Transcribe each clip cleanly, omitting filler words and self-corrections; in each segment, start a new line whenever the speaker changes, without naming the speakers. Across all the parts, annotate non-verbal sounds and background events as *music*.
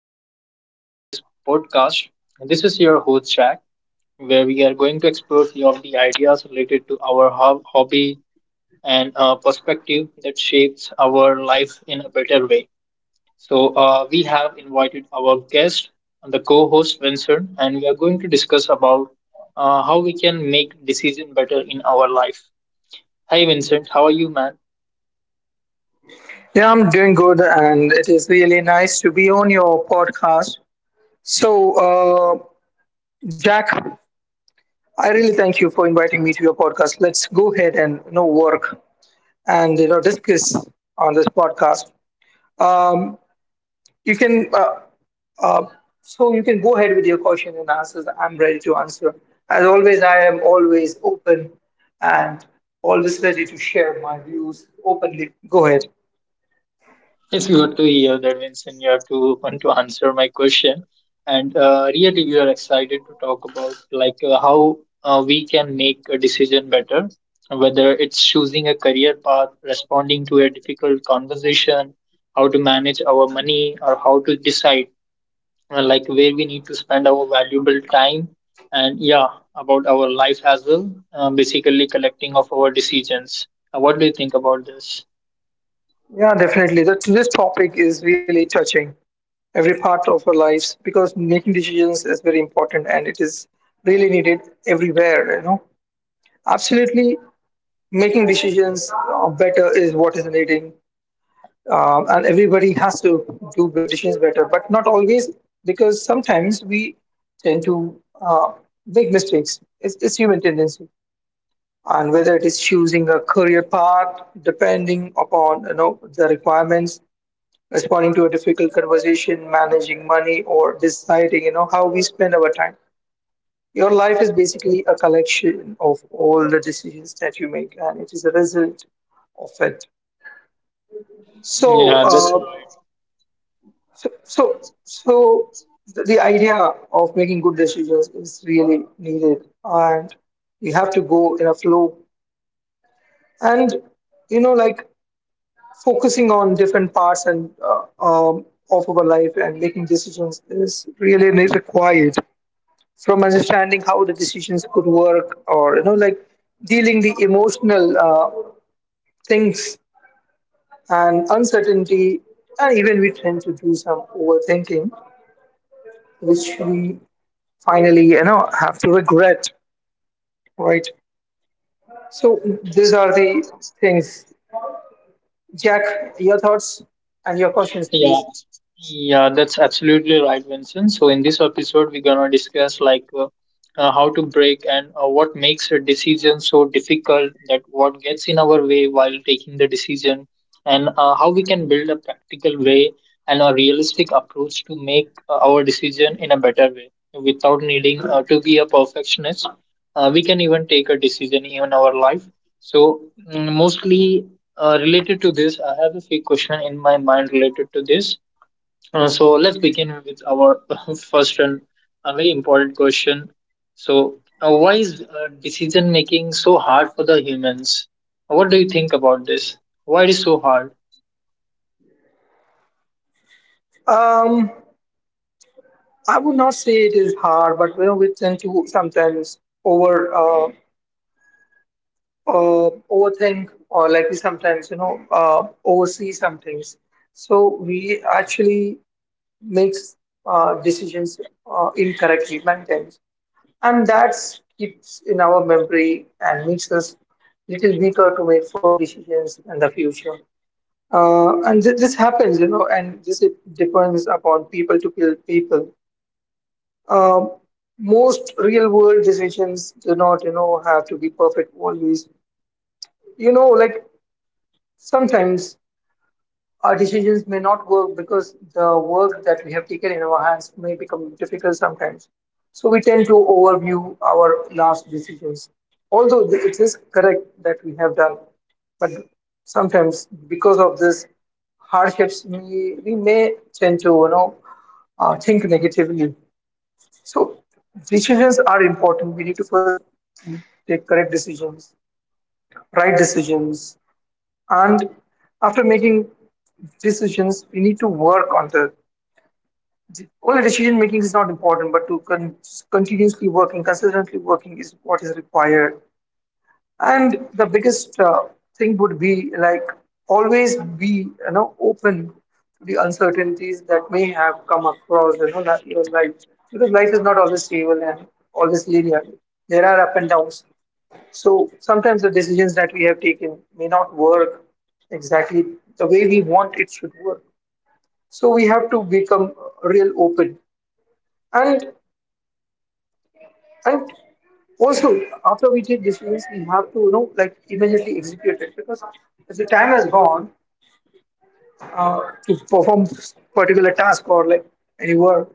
epi- episode of this podcast. This is your host Jack, where we are going to explore few of the ideas related to our hobby and perspective that shapes our life in a better way. So, we have invited our guest, the co-host Vincent, and we are going to discuss about how we can make decision better in our life. Hi, Vincent. How are you, man?
Yeah, I'm doing good, and it is really nice to be on your podcast. So, uh, Jack, I really thank you for inviting me to your podcast. Let's go ahead and work and discuss on this podcast. Um, you can uh, so you can go ahead with your question and answers. I'm ready to answer. As always, I am always open and always ready to share my views openly. Go ahead.
It's good to hear that, Vincent. You are too open to answer my question, and really, we are excited to talk about like how we can make a decision better, whether it's choosing a career path, responding to a difficult conversation, how to manage our money, or how to decide like where we need to spend our valuable time, and yeah, about our life as well. Basically, collecting of our decisions. What do you think about this?
Yeah, definitely. That this topic is really touching every part of our lives, because making decisions is very important and it is really needed everywhere. Absolutely, making decisions better is what is needing, and everybody has to do decisions better, but not always, because sometimes we tend to make mistakes. It's human tendency. And whether it is choosing a career path depending upon the requirements, responding to a difficult conversation, managing money, or deciding, how we spend our time. Your life is basically a collection of all the decisions that you make, and it is a result of it. So,
Yeah, that's
uh, so, the idea of making good decisions is really needed, and you have to go in a flow. And you know, like focusing on different parts and of our life and making decisions is really required. From understanding how the decisions could work, or dealing the emotional things and uncertainty. And even we tend to do some overthinking which we finally have to regret, right? So these are the things, Jack. Your thoughts and your questions,
yeah.
please.
Yeah, that's absolutely right, Vincent. So in this episode, we're gonna discuss like how to break and what makes a decision so difficult that what gets in our way while taking the decision, and how we can build a practical way and a realistic approach to make our decision in a better way without needing to be a perfectionist. We can even take a decision in our life. So mostly related to this, I have a few question in my mind related to this. So let's begin with our *laughs* first and a very important question. So, why is decision making so hard for the humans? What do you think about this? Why it is so hard?
um I would not say it is hard, but we tend to sometimes over uh, overthink, or like we sometimes oversee some things, so we actually make decisions incorrectly many times, and that keeps in our memory and makes us little weaker to make firm decisions in the future. And this happens. And this it depends upon people to people. Um Most real world decisions do not have to be perfect always. you know like Sometimes our decisions may not work, because the work that we have taken in our hands may become difficult sometimes. So we tend to overview our last decisions. Although it is correct that we have done, but sometimes because of this hardships, we may tend to think negatively. So decisions are important. We need to first take correct decisions, right decisions. And after making decisions, we need to work on the only decision making is not important, but to continuously working, consistently working is what is required. And the biggest thing would be, like, always be open to the uncertainties that may have come across your life, because life is not always stable and always linear. There are up and downs. So sometimes the decisions that we have taken may not work exactly the way we want it should work. So we have to become real open. And and also, after we take decisions, we have to immediately execute it, because as the time has gone uh, to perform particular task or like any work,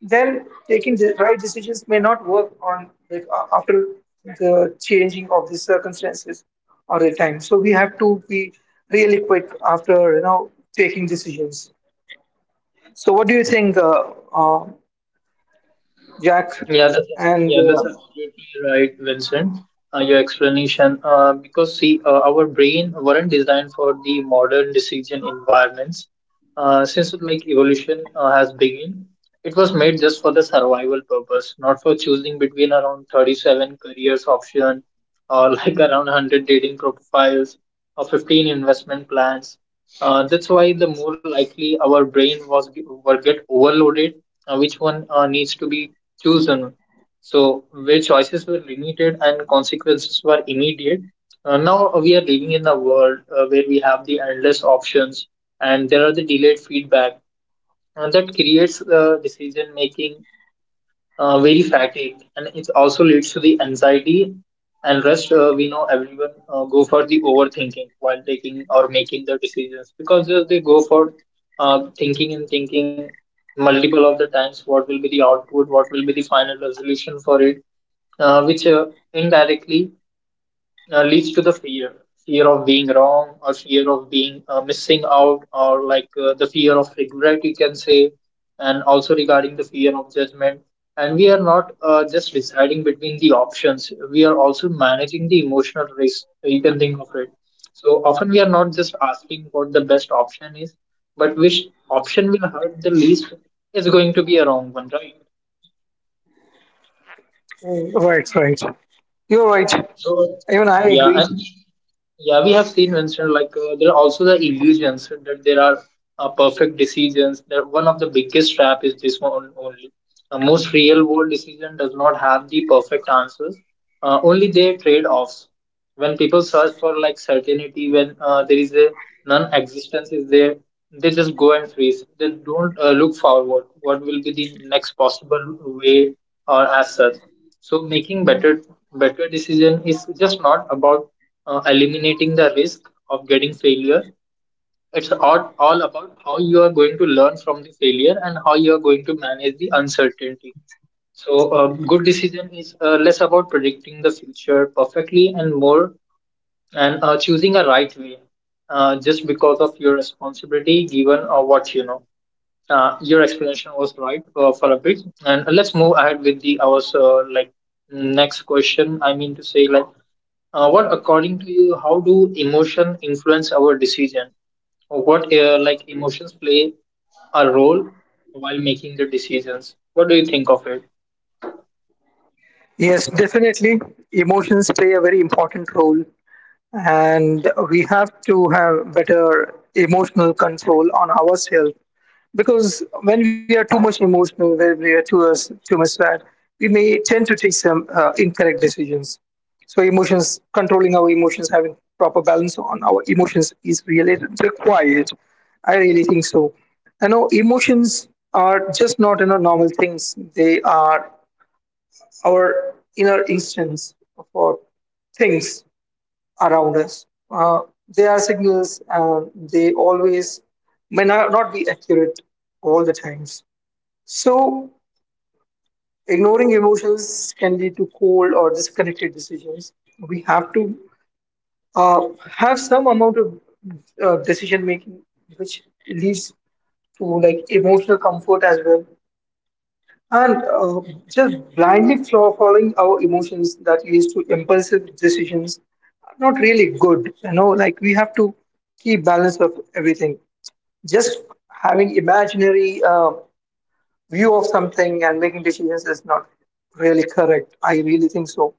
then taking the right decisions may not work on, like, after the changing of the circumstances or the time. So we have to be really quick after taking decisions. So what do you think, uh, Jack? And
Yeah, that's absolutely right, Vincent. Your explanation, because see, our brain weren't designed for the modern decision environments. Since like evolution has begun, it was made just for the survival purpose, not for choosing between around 37 careers option or *laughs* like around 100 dating profiles or 15 investment plans. That's why the more likely our brain was were get overloaded, which one needs to be chosen. So, where choices were limited and consequences were immediate. Now we are living in a world where we have the endless options and there are the delayed feedback and that creates decision making very fatigued, and it also leads to the anxiety and rest. We know everyone go for the overthinking while taking or making the decisions because they go for thinking and thinking multiple of the times what will be the output, what will be the final resolution for it, which indirectly leads to the fear of being wrong or fear of being missing out or like the fear of regret you can say, and also regarding the fear of judgment. And we are not just deciding between the options, we are also managing the emotional risk, you can think of it. So often we are not just asking what the best option is, but which option will hurt the least, is going to be a wrong one, right?
Mm, right, right. You're right.
So
Even I
yeah.
agree.
Yeah, we have seen, Vincent. Like there are also the illusions that there are perfect decisions. That one of the biggest trap is this one only. Most real world decision does not have the perfect answers. Only their trade offs. When people search for like certainty, when there is a non-existence is there, they just go and freeze. They don't look forward. What will be the next possible way or as such? So making better decision is just not about eliminating the risk of getting failure. It's all about how you are going to learn from the failure and how you are going to manage the uncertainty. So a good decision is less about predicting the future perfectly and more and choosing a right way just because of your responsibility given what you know. Your explanation was right for a bit, and let's move ahead with the our like next question. I mean to say like, what according to you, how do emotion influence our decision, what like emotions play a role while making the decisions? What do you think of it?
Yes, definitely. Emotions play a very important role, and we have to have better emotional control on ourselves, because when we are too much emotional, when we are too much sad, we may tend to take some incorrect decisions. So, emotions, controlling our emotions, having proper balance on our emotions is really required. I really think so. Emotions are just not normal things. They are our inner instincts for things around us. They are signals, and they always may not be accurate all the times. So, ignoring emotions can lead to cold or disconnected decisions. We have to uh, have some amount of decision making which leads to, like, emotional comfort as well. And just blindly following our emotions that leads to impulsive decisions are not really good. Like we have to keep balance of everything. Just having imaginary view of something and making decisions is not really correct. I really think so.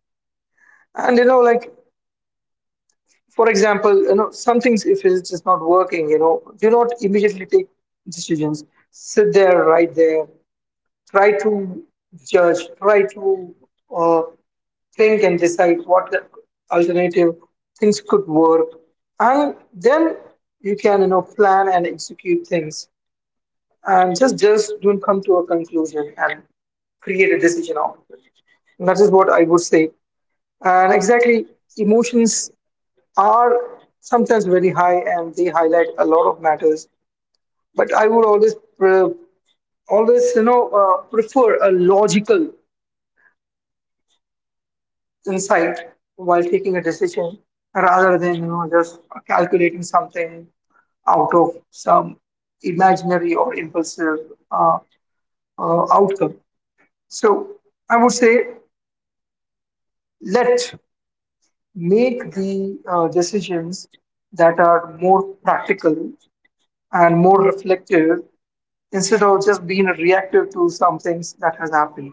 And for example, some things, if it's just not working, do not immediately take decisions. Sit there, right there. Try to judge. Try to uh, think and decide what the alternative things could work, and then you can plan and execute things, and just don't come to a conclusion and create a decision out of it. And that is what I would say. And exactly, emotions are sometimes very high and they highlight a lot of matters, but I would always always prefer a logical insight while taking a decision, rather than just calculating something out of some imaginary or impulsive uh, outcome. So I would say, let make the decisions that are more practical and more reflective, instead of just being reactive to some things that has happened,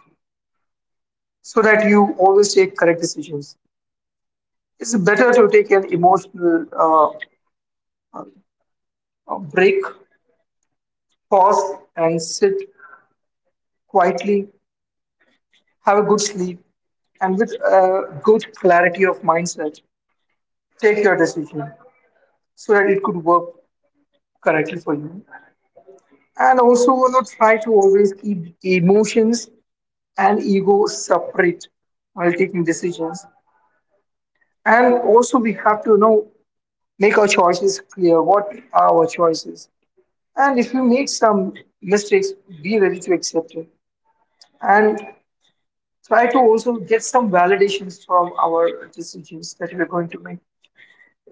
so that you always take correct decisions. It's better to take an emotional break, pause and sit quietly, have a good sleep, and with a good clarity of mindset, take your decision so that it could work correctly for you. And also, try to always keep emotions and ego separate while taking decisions. And also, we have to make our choices clear. What are our choices? And if you make some mistakes, be ready to accept it. And try to also get some validations from our decisions that we're going to make.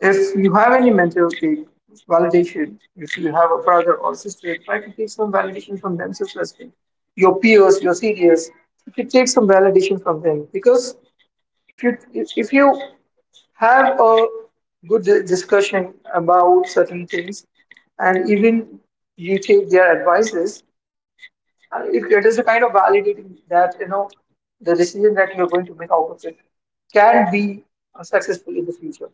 If you have any mentor, take validation. If you have a brother or sister, try to take some validation from themselves as well. Your peers, your seniors, you should take some validation from them, because if you have a good discussion about certain things, and even you take their advices. It is a kind of validating that the decision that you are going to make out of it can be successful in the future.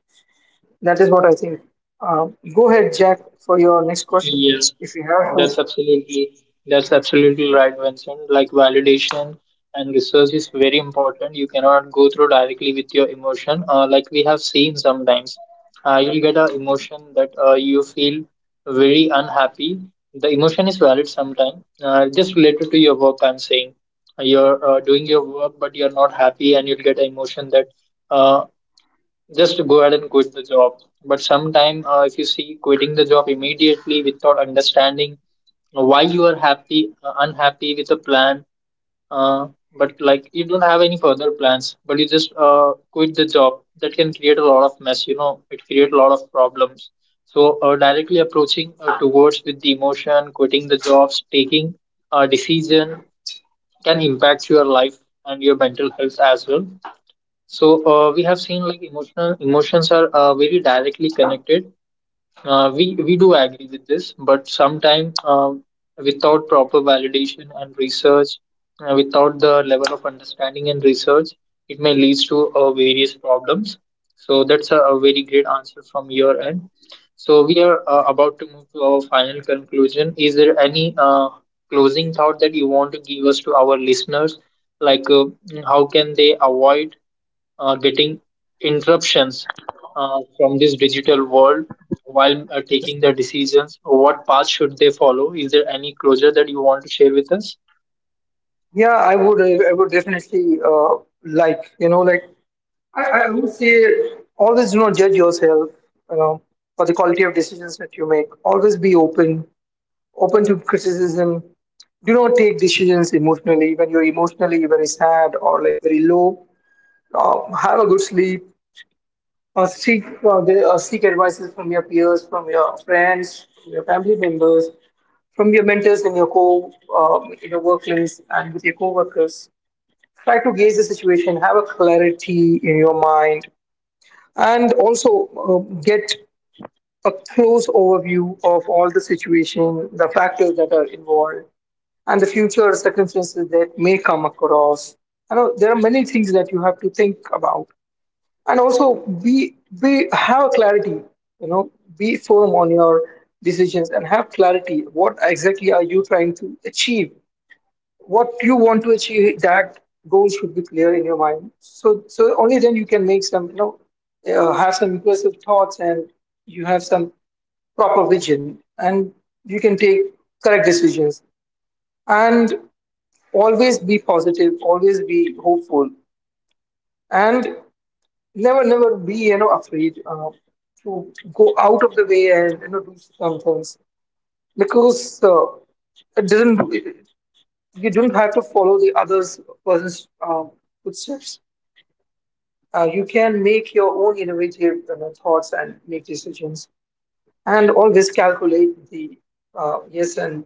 That is what I think. Go ahead, Jack, for your next question,
Yeah,
if you have to.
that's absolutely, that's absolutely right, Vincent. Like validation and research is very important. You cannot go through directly with your emotion. Like we have seen sometimes, you'll get an emotion that you feel very unhappy. The emotion is valid sometimes. Just related to your work, I'm saying you're doing your work, but you're not happy, and you'll get an emotion that. Uh, just go ahead and quit the job. But sometime, if you see quitting the job immediately without understanding why you are happy, unhappy with a plan, uh, but like you don't have any further plans, but you just quit the job, that can create a lot of mess. You know, it create a lot of problems. So directly approaching towards with the emotion, quitting the jobs, taking a decision can impact your life and your mental health as well. So we have seen like emotional emotions are very directly connected. We do agree with this, but sometimes without proper validation and research, without the level of understanding and research, it may lead to various problems. So that's a very great answer from your end. So we are about to move to our final conclusion. Is there any closing thought that you want to give us to our listeners? Like how can they avoid getting interruptions from this digital world while taking their decisions? What path should they follow? Is there any closure that you want to share with us?
Yeah, I would. I would definitely like like I would say, always do not judge yourself you know for the quality of decisions that you make. Always be open to criticism. Do not take decisions emotionally. When you're emotionally very sad or like very low, have a good sleep. Uh, seek Seek advices from your peers, from your friends, from your family members, from your mentors in your co in your workplace and with your co-workers. Try to gauge the situation. Have a clarity in your mind, and also get a close overview of all the situation, the factors that are involved and the future circumstances that may come across. I know there are many things that you have to think about, and also be have clarity. You know, be firm on your decisions and have clarity. What exactly are you trying to achieve? What you want to achieve? That goal should be clear in your mind. So only then you can make have some impressive thoughts, and you have some proper vision, and you can take correct decisions. And always be positive, always be hopeful, and never, never be afraid, to go out of the way and do some things, because it does not, you don't have to follow the others person's footsteps. You can make your own innovative, thoughts and make decisions, and always calculate the yes and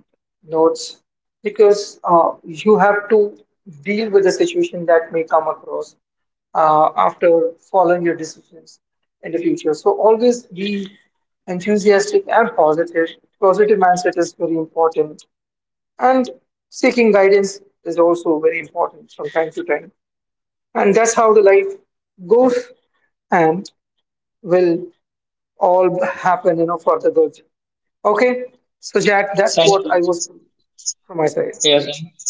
notes, because you have to deal with the situation that may come across after following your decisions in the future. So always be enthusiastic and positive. Positive mindset is very important, and seeking guidance is also very important from time to time. And that's how the life goes, and will all happen, for the good. Okay, so Jack, that's
Thank
what I
you.
was from my side.
Yes,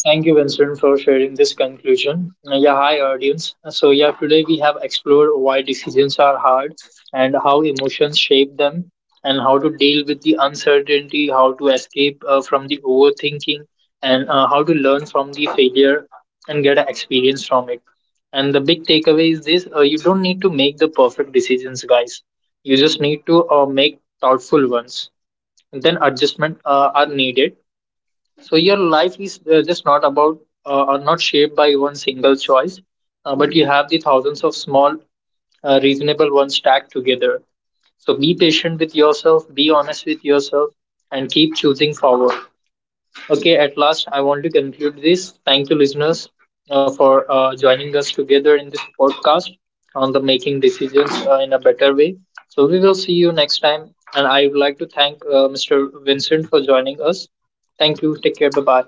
thank you, Vincent, for sharing this conclusion. Yeah, hi, audience. So, yeah, today we have explored why decisions are hard and how emotions shape them, and how to deal with the uncertainty, how to escape from the overthinking, and how to learn from the failure and get an experience from it. And the big takeaway is this, you don't need to make the perfect decisions, guys. You just need to make thoughtful ones. Then, adjustment are needed. So your life is just not about or not shaped by one single choice, but you have the thousands of small, reasonable ones stacked together. So be patient with yourself, be honest with yourself, and keep choosing forward. Okay, at last, I want to conclude this. Thank you, listeners, for joining us together in this podcast on the making decisions in a better way. So we will see you next time. And I would like to thank Mr. Vincent for joining us. Thank you. Take care. Bye bye.